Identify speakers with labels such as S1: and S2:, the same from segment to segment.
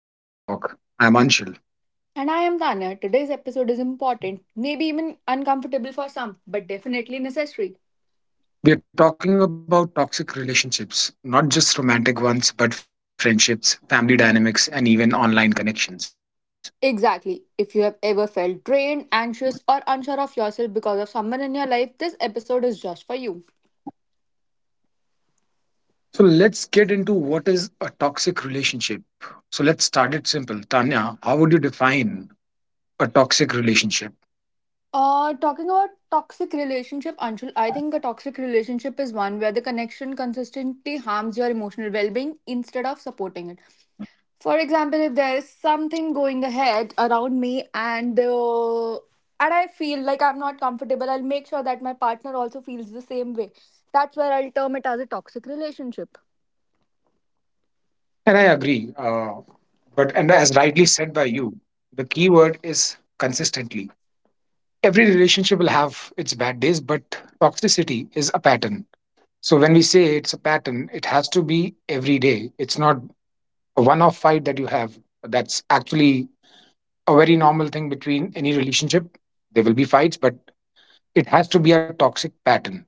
S1: Welcome to Red Flags and Real Talk. I'm
S2: And I
S1: Anshul.
S2: am Tanya. Today's episode is important, maybe even uncomfortable for some, but definitely necessary.
S1: We are talking about toxic relationships, not just romantic ones, but friendships, family dynamics, and even online connections.
S2: Exactly. If you have ever felt drained, anxious, or unsure of yourself because of someone in your life, this episode is just for you.
S1: So let's get into what is a toxic relationship. So let's start it simple. Tanya, how would you define a toxic relationship?
S2: Talking about toxic relationship, Anshul, I think a toxic relationship is one where the connection consistently harms your emotional well-being instead of supporting it. For example, if there is something going ahead around me and and I feel like I'm not comfortable, I'll make sure that my partner also feels the same way. That's where I'll term it as a toxic relationship.
S1: And I agree. But and as rightly said by you, the key word is consistently. Every relationship will have its bad days, but toxicity is a pattern. So when we say it's a pattern, it has to be every day. It's not a one off fight that you have. That's actually a very normal thing between any relationship. There will be fights, but it has to be a toxic pattern.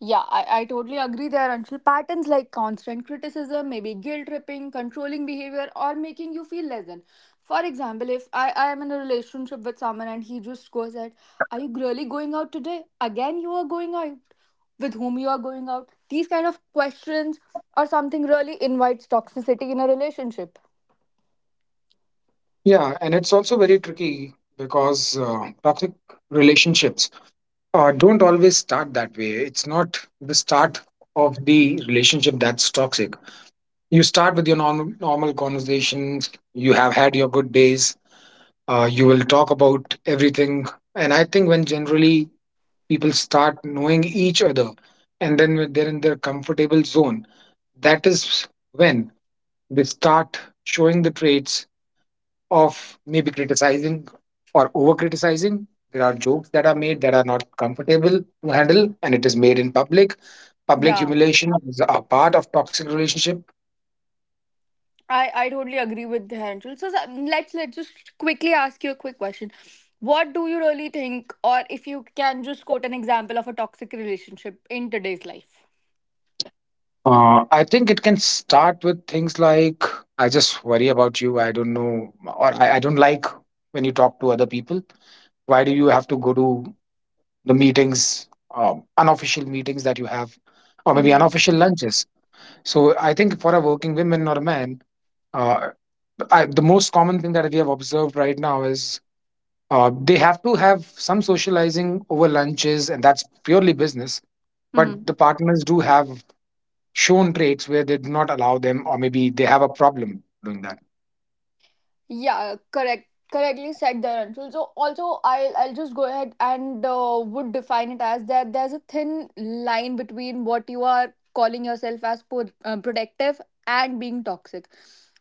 S2: Yeah, I totally agree there, Anshul. Patterns like constant criticism, maybe guilt tripping, controlling behavior, or making you feel less than. For example, if I am in a relationship with someone and he just goes at, are you really going out today? Again, you are going out. With whom you are going out? These kind of questions or something really invites toxicity in a relationship.
S1: Yeah, and it's also very tricky because toxic relationships don't always start that way. It's not the start of the relationship that's toxic. You start with your normal conversations. You have had your good days, you will talk about everything, and I think when generally people start knowing each other and then when they're in their comfortable zone, that is when they start showing the traits of maybe criticizing or over criticizing. There are jokes that are made that are not comfortable to handle, and it is made in public. Public
S2: Yeah.
S1: humiliation is a part of toxic relationship.
S2: I totally agree with Dhananjal. So let's just quickly ask you a quick question. What do you really think, or if you can just quote an example of a toxic relationship in today's life?
S1: I think it can start with things like I just worry about you. I don't know, or I don't like when you talk to other people. Why do you have to go to the meetings, unofficial meetings that you have, or maybe unofficial lunches? So I think for a working woman or a man, uh, the most common thing that we have observed right now is, they have to have some socializing over lunches, and that's purely business.
S2: Mm-hmm.
S1: But the partners do have shown traits where they do not allow them, or maybe they have a problem doing that.
S2: Yeah, correct. Correctly said there, Anshul. So also, I'll just go ahead and would define it as that there's a thin line between what you are calling yourself as protective and being toxic.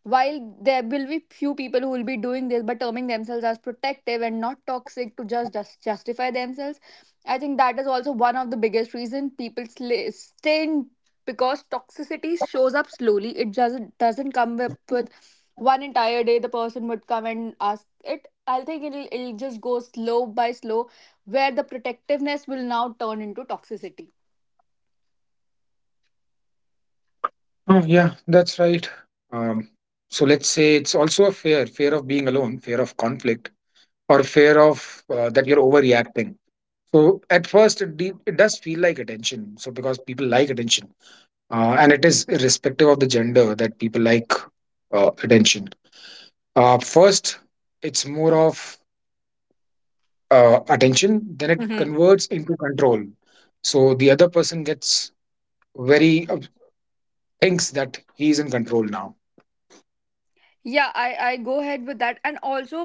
S2: While there will be few people who will be doing this, but terming themselves as protective and not toxic to just justify themselves, I think that is also one of the biggest reason people stay in because toxicity shows up slowly. It doesn't come up with one entire day the person would come and ask it. I'll think it'll just go slow by slow where the protectiveness will now turn into toxicity.
S1: Oh yeah, that's right. um, so let's say it's also a fear, fear of being alone, fear of conflict, or fear of that you're overreacting. So at first it does feel like attention, so because people like attention, and it is irrespective of the gender that people like attention. First, it's more of attention, then it
S2: Mm-hmm.
S1: converts into control. So the other person gets very thinks that he is in control now,
S2: Yeah, I go ahead with that, and also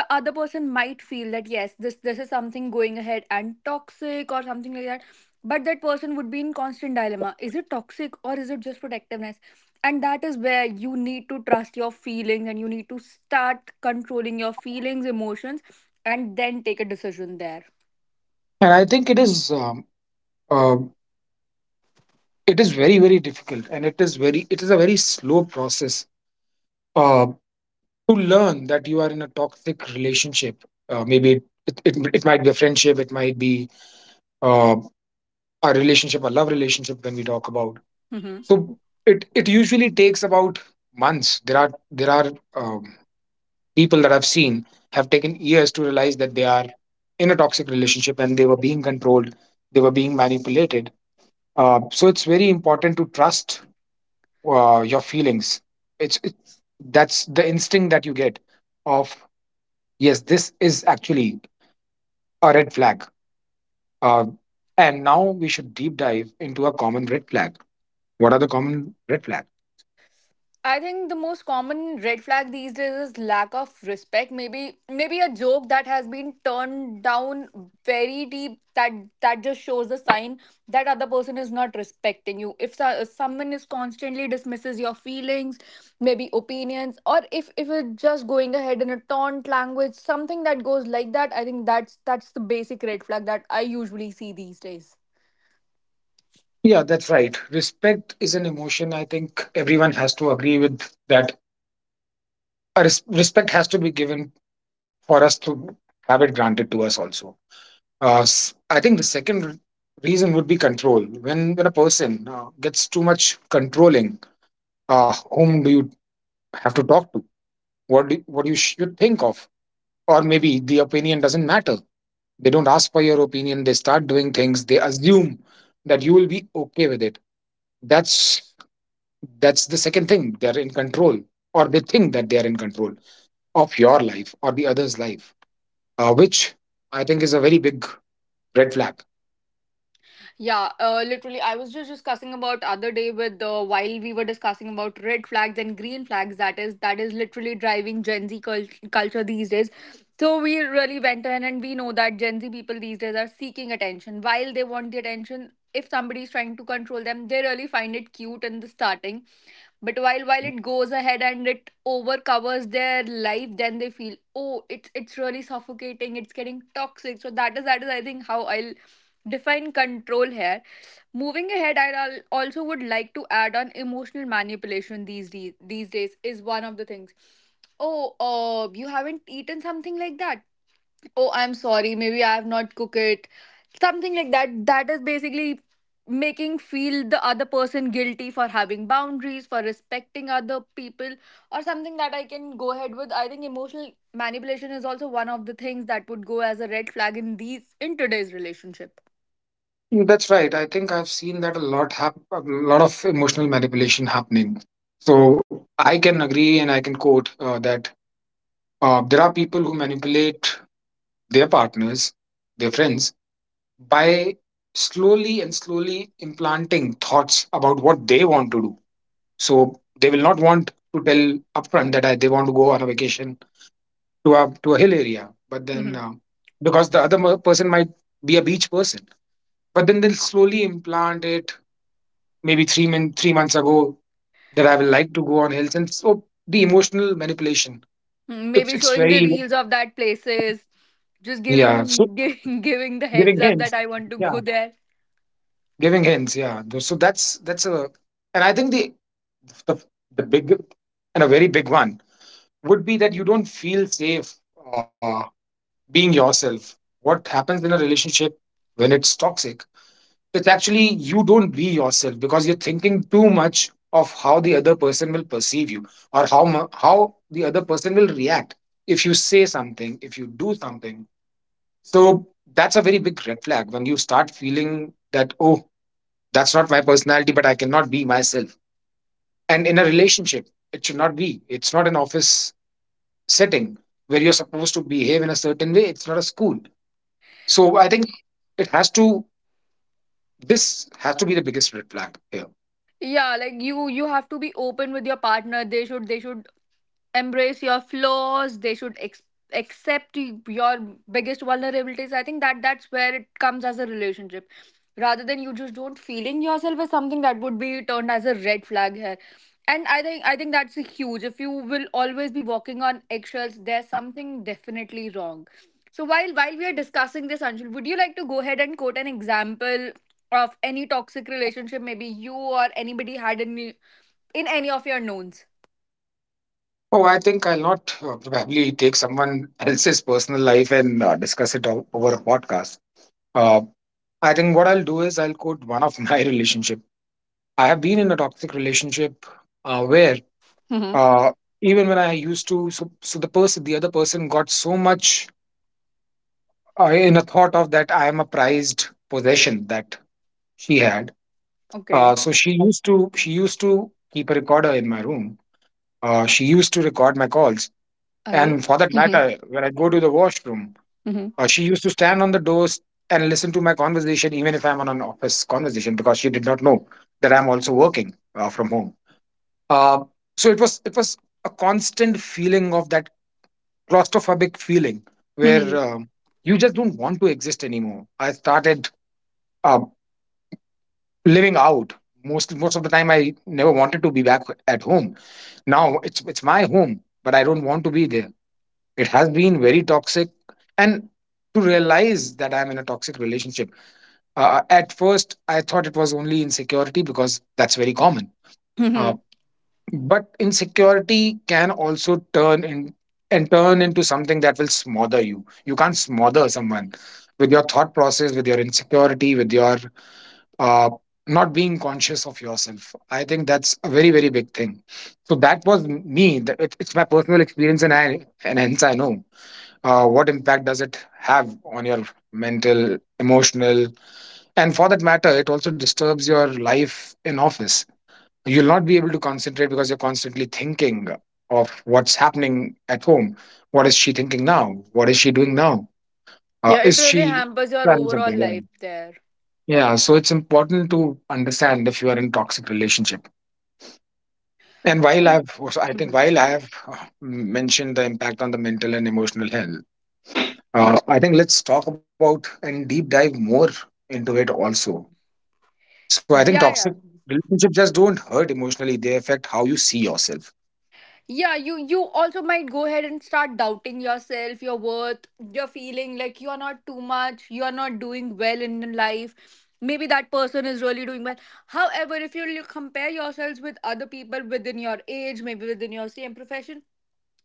S2: the other person might feel that yes, this is something going ahead and toxic or something like that, but that person would be in constant dilemma, is it toxic or is it just protectiveness? And that is where you need to trust your feelings and you need to start controlling your feelings, emotions, and then take a decision there.
S1: and I think uh, it is very difficult, and it is a very slow process to learn that you are in a toxic relationship. Maybe it might be a friendship, it might be, uh, a relationship, a love relationship when we talk about.
S2: Hmm.
S1: So it usually takes about months. There are People that I've seen have taken years to realize that they are in a toxic relationship and they were being controlled, they were being manipulated. So it's very important to trust your feelings. It's that's the instinct that you get of yes, this is actually a red flag. Uh, and now we should deep dive into a common red flag. What are the common red flags?
S2: I think the most common red flag these days is lack of respect. Maybe a joke that has been turned down very deep that just shows the sign that other person is not respecting you. If so, if someone is constantly dismisses your feelings, maybe opinions, or if it's just going ahead in a taunt language, something that goes like that, I think that's the basic red flag that I usually see these days.
S1: Yeah, that's right. Respect is an emotion. I think everyone has to agree with that. Respect has to be given for us to have it granted to us also. I think the second reason would be control. When a person gets too much controlling, whom do you have to talk to? What you should think of? Or maybe the opinion doesn't matter. They don't ask for your opinion. They start doing things. They assume that you will be okay with it. That's the second thing, they're in control, or they think that they're in control of your life or the other's life, which I think is a very big red flag.
S2: Yeah, literally, I was just discussing about other day with while we were discussing about red flags and green flags. That is literally driving Gen Z culture these days. So we really went in and we know that Gen Z people these days are seeking attention. While they want the attention, if somebody is trying to control them, they really find it cute in the starting. But while it goes ahead and it overcovers their life, then they feel, oh, it's really suffocating. It's getting toxic. So that is I think how I'll define control here. Moving ahead, I also would like to add on emotional manipulation these days is one of the things. Oh, you haven't eaten something like that. Oh, I'm sorry. Maybe I have not cooked it. Something like that. That is basically making feel the other person guilty for having boundaries for respecting other people or something that I can go ahead with. I think emotional manipulation is also one of the things that would go as a red flag in these in today's relationship.
S1: That's right, I think I've seen that a lot, a lot of emotional manipulation happening. So I can agree, and I can quote that there are people who manipulate their partners, their friends, by slowly and slowly implanting thoughts about what they want to do. So they will not want to tell upfront that they want to go on a vacation to a hill area, but then, because the other person might be a beach person, but then they'll slowly implant it. Maybe 3 months ago, that I will like to go on hills, and so the emotional manipulation.
S2: Mm, maybe
S1: It's
S2: showing the
S1: very,
S2: reels of that places, just
S1: yeah. So
S2: giving the heads
S1: giving
S2: up that
S1: hints,
S2: I want to
S1: yeah,
S2: go there.
S1: giving hints, yeah. So that's a, and I think the, the big and a very big one would be that you don't feel safe uh, being yourself. What happens in a relationship when it's toxic? It's actually you don't be yourself because you're thinking too much of how the other person will perceive you, or how the other person will react if you say something, if you do something. So that's a very big red flag when you start feeling that, oh, that's not my personality, but I cannot be myself. And in a relationship, it should not be. It's not an office setting where you're supposed to behave in a certain way. It's not a school. So I think it has to. This has to be the biggest red flag here.
S2: Yeah, like you have to be open with your partner. They should embrace your flaws. They should accept your biggest vulnerabilities. I think that's where it comes as a relationship, rather than you just don't feeling yourself as something that would be turned as a red flag here. And I think that's a huge, if you will always be walking on eggshells, there's something definitely wrong. So while we are discussing this, Anshul, would you like to go ahead and quote an example of any toxic relationship maybe you or anybody had in any of your knowns?
S1: Oh, I think I'll not probably take someone else's personal life and discuss it over a podcast. Uh, I think what I'll do is I'll quote one of my relationship. I have been in a toxic relationship, where uh, even when I used to, so the person, the other person got so much in a thought of that I am a prized possession that she had.
S2: Hmm.
S1: So she used to keep a recorder in my room. She used to record my calls.
S2: Arey?
S1: And for that
S2: Mhm,
S1: matter, when I go to the washroom,
S2: mhm,
S1: she used to stand on the doors and listen to my conversation, even if I'm on an office conversation, because she did not know that I'm also working from home. Uh, so it was a constant feeling of that claustrophobic feeling where,
S2: mhm,
S1: you just don't want to exist anymore. I started uh, living out most of the time. I never wanted to be back at home. Now it's my home, but I don't want to be there. It has been very toxic, and to realize that I'm in a toxic relationship, at first I thought it was only insecurity because that's very common. uh,
S2: mhm,
S1: but insecurity can also turn in and turn into something that will smother you. You can't smother someone with your thought process, with your insecurity, with your, uh, not being conscious of yourself. I think that's a very big thing. So that was it's my personal experience, and I, and hence I know what impact does it have on your mental, emotional. And for that matter, it also disturbs your life in office. You'll not be able to concentrate because you're constantly thinking of what's happening at home. What is she thinking now? What is she doing now?
S2: Yeah, it
S1: Is she
S2: really hampers your
S1: planning
S2: overall
S1: something? Yeah,
S2: life there.
S1: yeah. So it's important to understand if you are in toxic relationship. And while
S2: Mm.
S1: I think
S2: Mhm.
S1: while I have mentioned the impact on the mental and emotional health, uh, I think let's talk about and deep dive more into it also. So I think
S2: Yeah, yeah.
S1: toxic relationships just don't hurt emotionally; they affect how you see yourself.
S2: Yeah, you also might go ahead and start doubting yourself, your worth, your feeling like you're not too much, you're not doing well in life. Maybe that person is really doing well. However, if you compare yourselves with other people within your age, maybe within your same profession,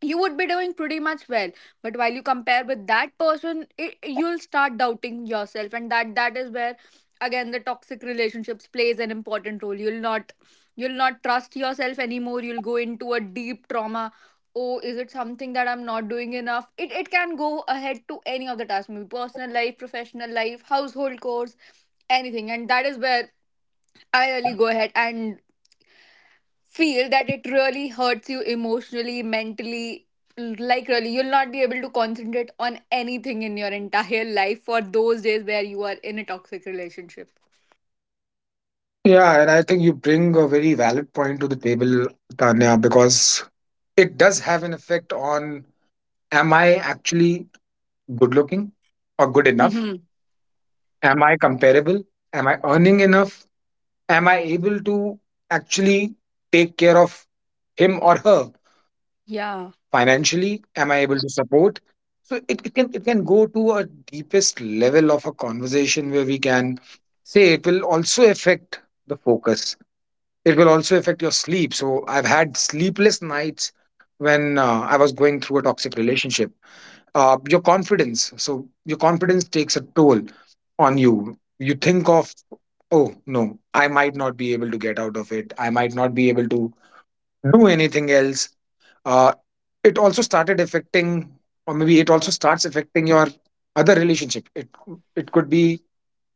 S2: you would be doing pretty much well. But while you compare with that person, you'll start doubting yourself, and that is where again the toxic relationships plays an important role. You'll not, you'll not trust yourself anymore. You'll go into a deep trauma. Oh, is it something that I'm not doing enough? It can go ahead to any of the tasks, maybe personal life, professional life, household chores, anything. And that is where I really go ahead and feel that it really hurts you emotionally, mentally. Like, really, you'll not be able to concentrate on anything in your entire life for those days where you are in a toxic relationship.
S1: Yeah, and I think you bring a very valid point to the table, Tanya, because it does have an effect on, am I actually good looking or good enough?
S2: Hmm.
S1: Am I comparable? Am I earning enough? Am I able to actually take care of him or her?
S2: Yeah.
S1: Financially, am I able to support? So it can it can go to a deepest level of a conversation where we can say it will also affect the focus. It will also affect your sleep. So I've had sleepless nights when I was going through a toxic relationship. Your confidence, so your confidence takes a toll on you. You think of, oh no, I might not be able to get out of it. I might not be able to do anything else. uh, it also started affecting, or maybe it also starts affecting your other relationship. It could be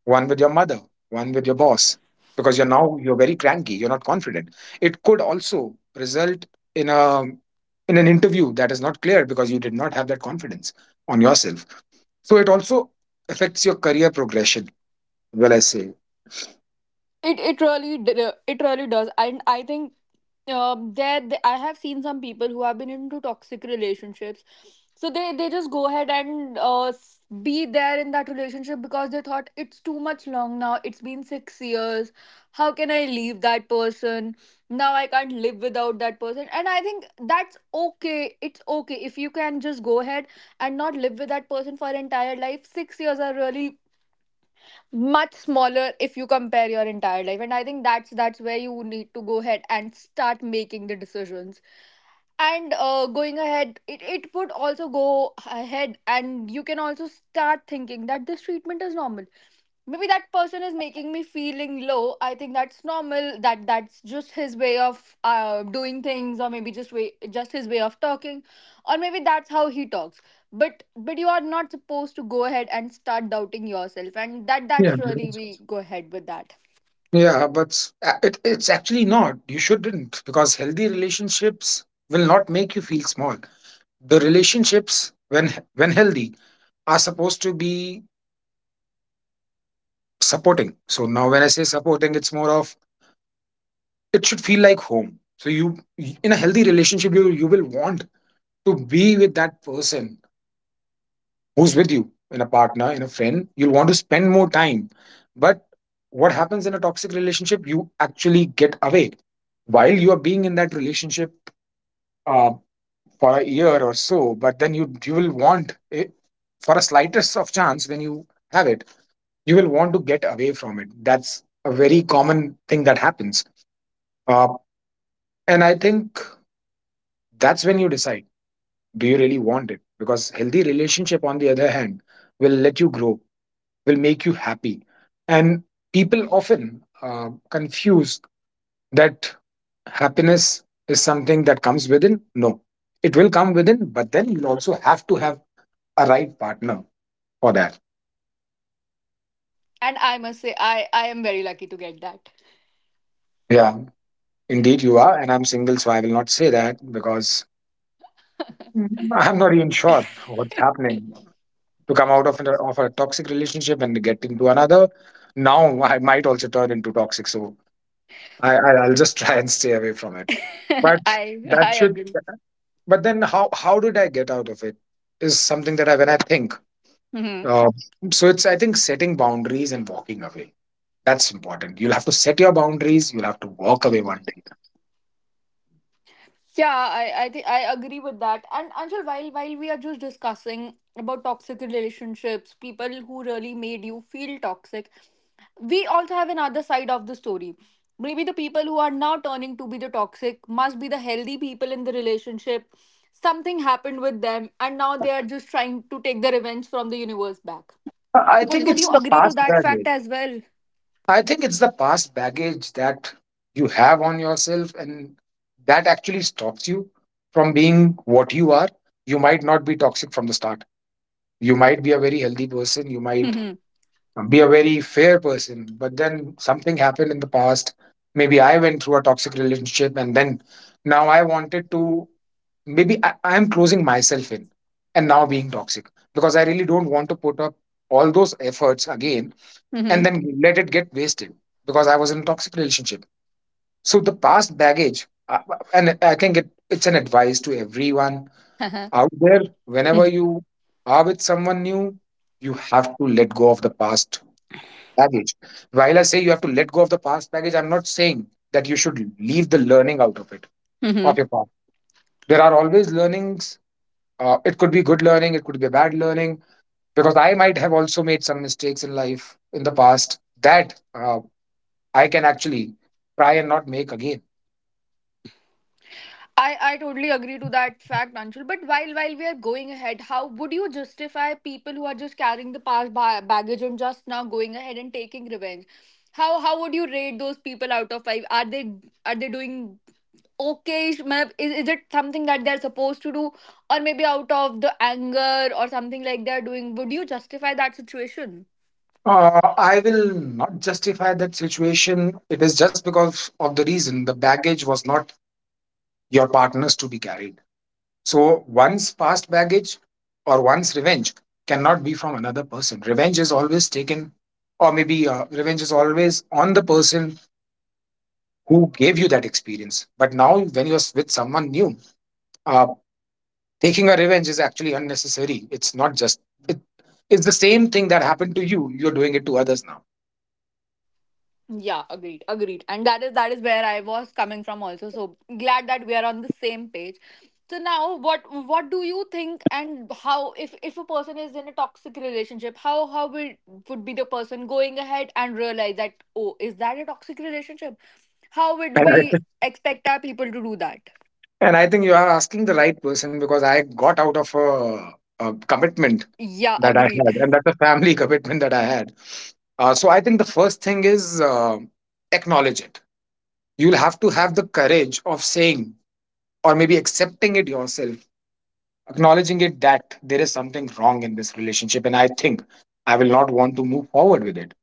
S1: one with your mother, one with your boss, because you're very cranky, you're not confident. It could also result in a, in an interview that is not clear because you did not have that confidence on yourself. So it also affects your career progression, will I say.
S2: It really it really does, and I think I have seen some people who have been into toxic relationships, so they just go ahead and be there in that relationship because they thought it's too much long now. It's been 6 years. How can I leave that person? Now I can't live without that person, and I think that's okay. It's okay if you can just go ahead and not live with that person for entire life. 6 years are really much smaller if you compare your entire life, and I think that's where you need to go ahead and start making the decisions. And going ahead, it would also go ahead and you can also start thinking that this treatment is normal. Maybe that person is making me feeling low. I think that's normal, that that's just his way of doing things, or maybe just way, just his way of talking, or maybe that's how he talks. But you are not supposed to go ahead and start doubting yourself, and that's
S1: Yeah,
S2: really we go ahead with that.
S1: yeah, but it's actually not. You shouldn't, because healthy relationships will not make you feel small. The relationships, when healthy are supposed to be supporting. So now when I say supporting, it's more of it should feel like home. So you, in a healthy relationship, you will want to be with that person who's with you, in a partner, in a friend. You'll want to spend more time. But what happens in a toxic relationship, you actually get away while you are being in that relationship, uh, for a year or so. But then you will want it for a slightest of chance. When you have it, you will want to get away from it. That's a very common thing that happens. Uh, and I think that's when you decide, do you really want it? Because healthy relationship, on the other hand, will let you grow, will make you happy. And people often confuse that happiness is something that comes within. No, it will come within, but then you'll also have to have a right partner for that.
S2: And I must say, I am very lucky to get that.
S1: Yeah, indeed you are. And I'm single, so I will not say that. Because mm, I'm not even sure what's happening, to come out of, of a toxic relationship and get into another. Now I might also turn into toxic, so I I'll just try and stay away from it. But
S2: i
S1: that
S2: I
S1: should.
S2: agree.
S1: But then how did I get out of it? Is something that I, when I think.
S2: Mhm.
S1: Uh, so it's, I think, setting boundaries and walking away. That's important. You'll have to set your boundaries. You'll have to walk away one day.
S2: Yeah, I think I agree with that. And Anshul, while we are just discussing about toxic relationships, people who really made you feel toxic, we also have another side of the story. Maybe the people who are now turning to be the toxic must be the healthy people in the relationship. Something happened with them, and now they are just trying to take the revenge from the universe back.
S1: I
S2: Would
S1: think
S2: would
S1: it's
S2: you
S1: the
S2: agree to
S1: past
S2: that fact
S1: baggage.
S2: as well?
S1: I think it's the past baggage that you have on yourself, and that actually stops you from being what you are. You might not be toxic from the start. You might be a very healthy person. You might be a very fair person. But then something happened in the past. Maybe I went through a toxic relationship, and then now I wanted to. Maybe I'm closing myself in and now being toxic because I really don't want to put up all those efforts again and
S2: Mm-hmm.
S1: then let it get wasted because I was in a toxic relationship. So the past baggage, and I think it's an advice to everyone
S2: Mm-hmm.
S1: out there. Whenever you are with someone new, you have to let go of the past baggage. While I say you have to let go of the past baggage, I'm not saying that you should leave the learning out of it, of your past. There are always learnings. It could be good learning, it could be bad learning, because I might have also made some mistakes in life in the past that I can actually try and not make again.
S2: I totally agree to that fact, Anshul. But while we are going ahead, how would you justify people who are just carrying the past baggage and just now going ahead and taking revenge? How would you rate those people out of 5? Are they, are they doing okay? Is it something that they're supposed to do, or maybe out of the anger or something like they're doing? Would you justify that situation?
S1: I will not justify that situation. It is just because of the reason the baggage was not your partner's to be carried. So one's past baggage or one's revenge cannot be from another person. Revenge is always taken, or maybe revenge is always on the person who gave you that experience. But now, when you're with someone new, uh, taking a revenge is actually unnecessary. It's not just it, it's the same thing that happened to you. You're doing it to others now.
S2: Yeah, agreed, agreed. And that is where I was coming from also. So glad that we are on the same page. So now what do you think, and how, if a person is in a toxic relationship, how will would be the person going ahead and realize that, oh, is that a toxic relationship? How would
S1: and I,
S2: we expect our people to do that?
S1: and I think you are asking the right person, because I got out of a commitment
S2: Yeah,
S1: that I
S2: agreed.
S1: had, and that's a family commitment that I had. So I think the first thing is, acknowledge it. You'll have to have the courage of saying, or maybe accepting it yourself, acknowledging it that there is something wrong in this relationship, and I think I will not want to move forward with it.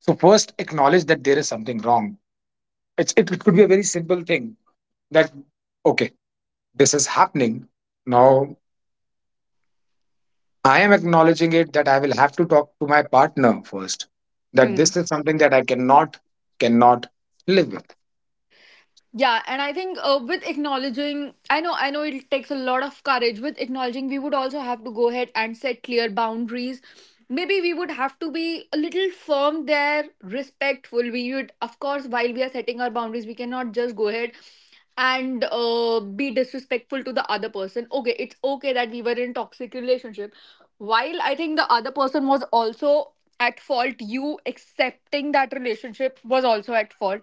S1: So first acknowledge that there is something wrong. It could be a very simple thing that, okay, this is happening. Now I am acknowledging it that I will have to talk to my partner first. That
S2: Hmm.
S1: this is something that I cannot cannot live with.
S2: Yeah, and I think with acknowledging, I know it takes a lot of courage. With acknowledging, we would also have to go ahead and set clear boundaries. Maybe we would have to be a little firm there, respectful. We would, of course, while we are setting our boundaries, we cannot just go ahead and be disrespectful to the other person. Okay, it's okay that we were in toxic relationship. While I think the other person was also at fault, you accepting that relationship was also at fault.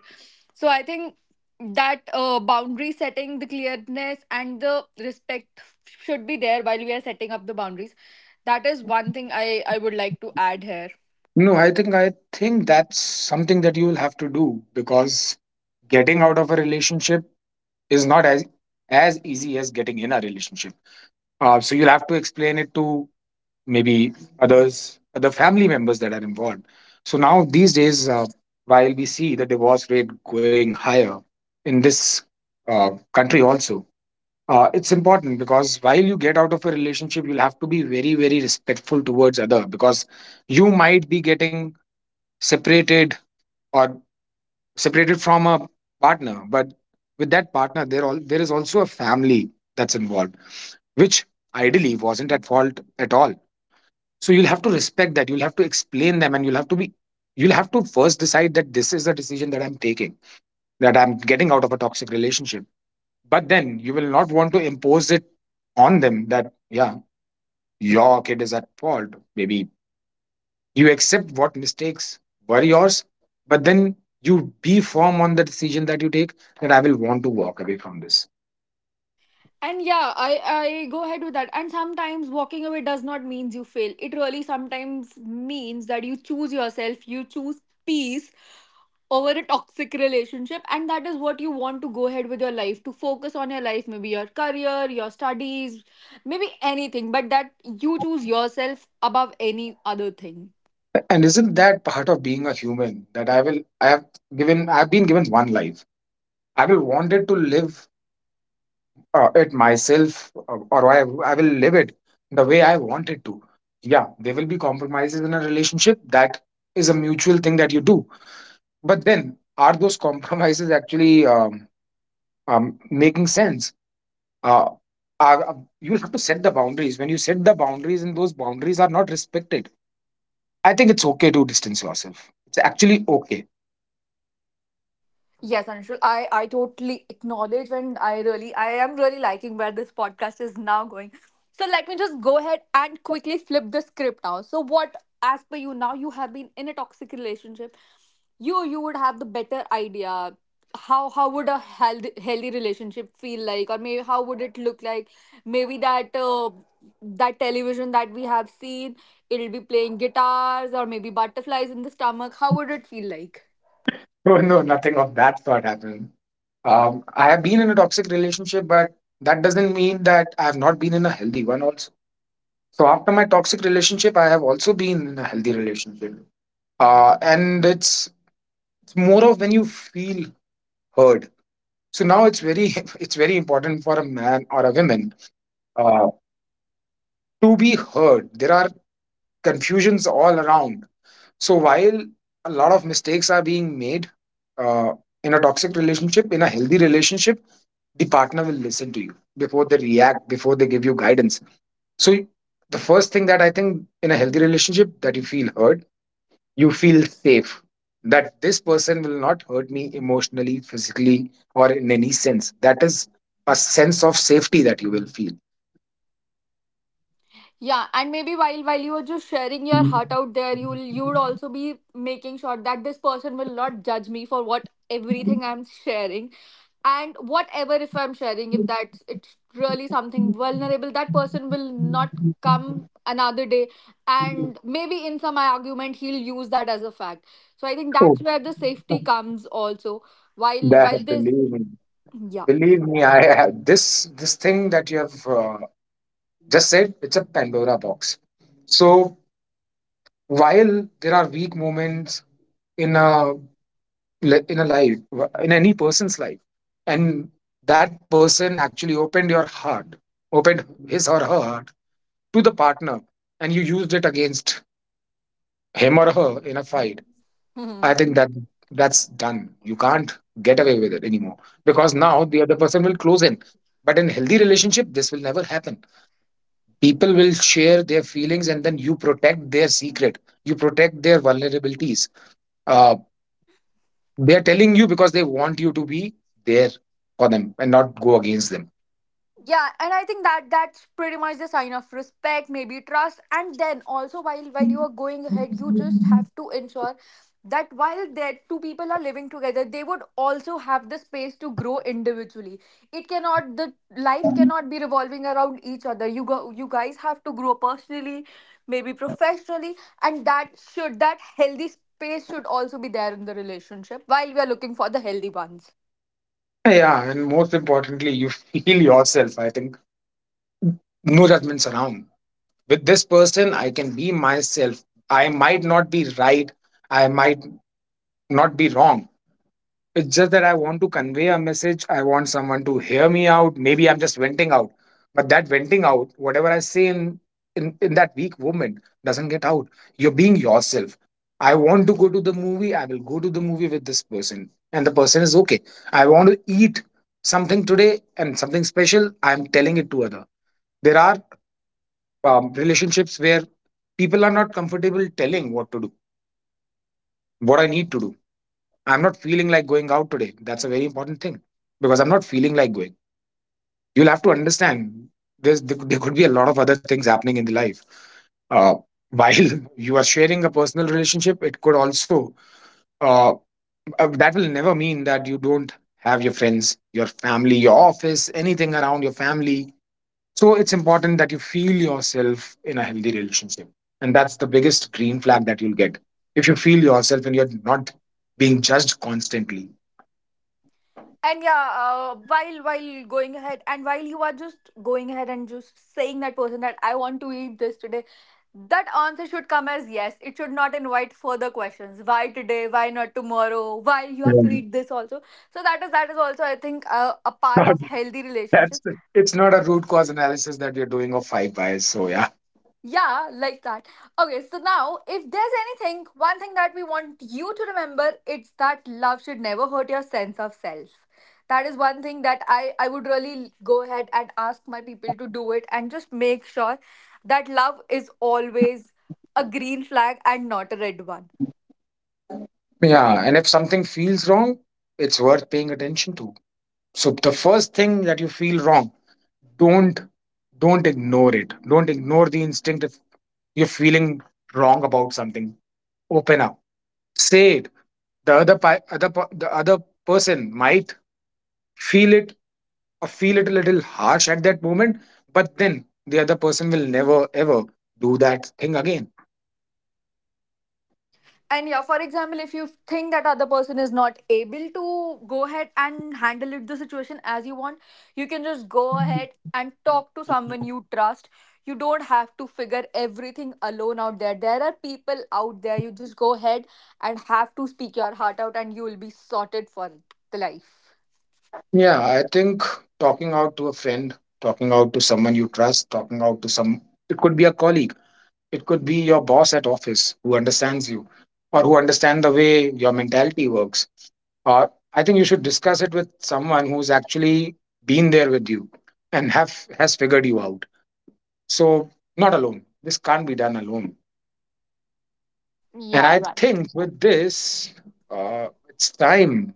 S2: So I think that boundary setting, the clearness and the respect should be there while we are setting up the boundaries. That is one thing I would like to add here.
S1: No, I think that's something that you will have to do, because getting out of a relationship is not as easy as getting in a relationship. So you'll have to explain it to, maybe, others, other family members that are involved. So now these days, while we see the divorce rate going higher in this, uh, country also, it's important because while you get out of a relationship, you'll have to be very very respectful towards other, because you might be getting separated, or separated from a partner, but with that partner there, all there is also a family that's involved, which ideally wasn't at fault at all. So you'll have to respect that. You'll have to explain them, and you'll have to be, you'll have to first decide that this is a decision that I'm taking, that I'm getting out of a toxic relationship. But then you will not want to impose it on them that, yeah, your kid is at fault. Maybe you accept what mistakes were yours, but then you be firm on the decision that you take, that I will want to walk away from this.
S2: And yeah, I go ahead with that. And sometimes walking away does not means you fail it, really. Sometimes means that you choose yourself, you choose peace over a toxic relationship, and that is what you want to go ahead with your life, to focus on your life, maybe your career, your studies, maybe anything. But that, you choose yourself above any other thing.
S1: And isn't that part of being a human, that I have given, I've been given one life. I will want it to live, it myself, or I will live it the way I want it to. Yeah, there will be compromises in a relationship. That is a mutual thing that you do. But then, are those compromises actually making sense? Uh, are, you have to set the boundaries. When you set the boundaries and those boundaries are not respected, I think it's okay to distance yourself. It's actually okay.
S2: Yes, Anshul, I totally acknowledge, and I am really liking where this podcast is now going. So let me just go ahead and quickly flip the script now. So what, as per you, now you have been in a toxic relationship. You would have the better idea. How would a healthy relationship feel like, or maybe how would it look like? Maybe that that television that we have seen, it'll be playing guitars, or maybe butterflies in the stomach. How would it feel like?
S1: Oh, no, nothing of that sort happened. I have been in a toxic relationship, but that doesn't mean that I have not been in a healthy one also. So after my toxic relationship, I have also been in a healthy relationship. And it's more of when you feel heard. So now it's very it's very important for a man or a woman, uh, to be heard. There are confusions all around. So while a lot of mistakes are being made, uh, in a toxic relationship, in a healthy relationship, the partner will listen to you before they react, before they give you guidance. So the first thing that I think in a healthy relationship, that you feel heard, you feel safe, that this person will not hurt me emotionally, physically, or in any sense. That is a sense of safety that you will feel.
S2: Yeah, and maybe while you are just sharing your heart out there, you'd also be making sure that this person will not judge me for what everything I'm sharing. And whatever, if I'm sharing, if that's it's really something vulnerable, that person will not come another day and maybe in some argument he'll use that as a fact. So I think
S1: Oh,
S2: that's where the safety comes also. While
S1: that
S2: while this
S1: believe me,
S2: yeah.
S1: believe me. This this thing that you have just said. It's a Pandora box. So while there are weak moments in a in a life, in any person's life, and that person actually opened your heart, opened his or her heart to the partner, and you used it against him or her in a fight, I think that that's done. You can't get away with it anymore, because now the other person will close in. But in healthy relationship, this will never happen. People will share their feelings and then you protect their secret, you protect their vulnerabilities. Uh, They are telling you because they want you to be there for them and not go against them.
S2: Yeah, and I think that that's pretty much the sign of respect, maybe trust. And then also, while you are going ahead, you just have to ensure that while their two people are living together, they would also have the space to grow individually. It cannot the lives cannot be revolving around each other. You go, you guys have to grow personally, maybe professionally. And that should, that healthy space should also be there in the relationship while we are looking for the healthy ones.
S1: Yeah, and most importantly, you feel yourself. I think no judgments around. With this person, I can be myself. I might not be right. I might not be wrong. It's just that I want to convey a message. I want someone to hear me out. Maybe I'm just venting out. But that venting out, whatever I say in that weak moment, doesn't get out. You're being yourself. I want to go to the movie. I will go to the movie with this person. And the person is okay. I want to eat something today, and something special. I'm telling it to other. There are relationships where people are not comfortable telling what to do, what I need to do. I'm not feeling like going out today. That's a very important thing, because I'm not feeling like going. You'll have to understand there could be a lot of other things happening in the life. Uh, while you are sharing a personal relationship, it could also, uh, that will never mean that you don't have your friends, your family, your office, anything around your family. So it's important that you feel yourself in a healthy relationship. And that's the biggest green flag that you'll get. If you feel yourself and you're not being judged constantly.
S2: And yeah, while going ahead and while you are just going ahead and just saying that person that I want to eat this today, that answer should come as yes. It should not invite further questions. Why today? Why not tomorrow? Why you
S1: Yeah.
S2: have to eat this also? So that is also, I think, a part of healthy
S1: That's,
S2: relationship.
S1: it's not a root cause analysis that we're doing of five bias. So yeah.
S2: Yeah, like that. Okay, so now if there's anything, one thing that we want you to remember, it's that love should never hurt your sense of self. That is one thing that I would really go ahead and ask my people to do it, and just make sure that love is always a green flag and not a red one.
S1: Yeah, and if something feels wrong, it's worth paying attention to. So the first thing that you feel wrong, don't don't ignore it. Don't ignore the instinct if you're feeling wrong about something. Open up. Say it. The other pi- other per- the other person might feel it, or feel it a little harsh at that moment, but then the other person will never ever do that thing again.
S2: And yeah, for example, if you think that other person is not able to go ahead and handle it, the situation as you want, you can just go ahead and talk to someone you trust. You don't have to figure everything alone out there. There are people out there. You just go ahead and have to speak your heart out, and you will be sorted for the life.
S1: Yeah, I think talking out to a friend, talking out to someone you trust, talking out to some, it could be a colleague, it could be your boss at office who understands you, or who understand the way your mentality works. Or I think you should discuss it with someone who's actually been there with you and have has figured you out. So not alone. This can't be done alone. And
S2: Yeah,
S1: I
S2: right.
S1: think with this, it's time.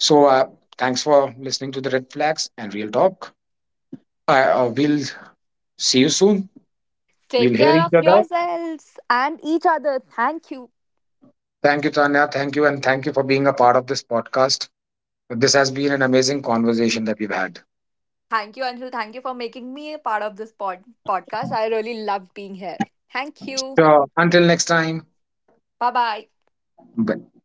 S1: So thanks for listening to the Red Flags and Real Talk. We'll see you soon. We'll
S2: Take
S1: hear
S2: care of
S1: each other.
S2: yourselves and each other. Thank you.
S1: Thank you, Tanya. Thank you. And thank you for being a part of this podcast. This has been an amazing conversation that we've had.
S2: Thank you, Anshul. Thank you for making me a part of this podcast. I really love being here. Thank you.
S1: Sure. Until next time.
S2: Bye bye.
S1: Bye.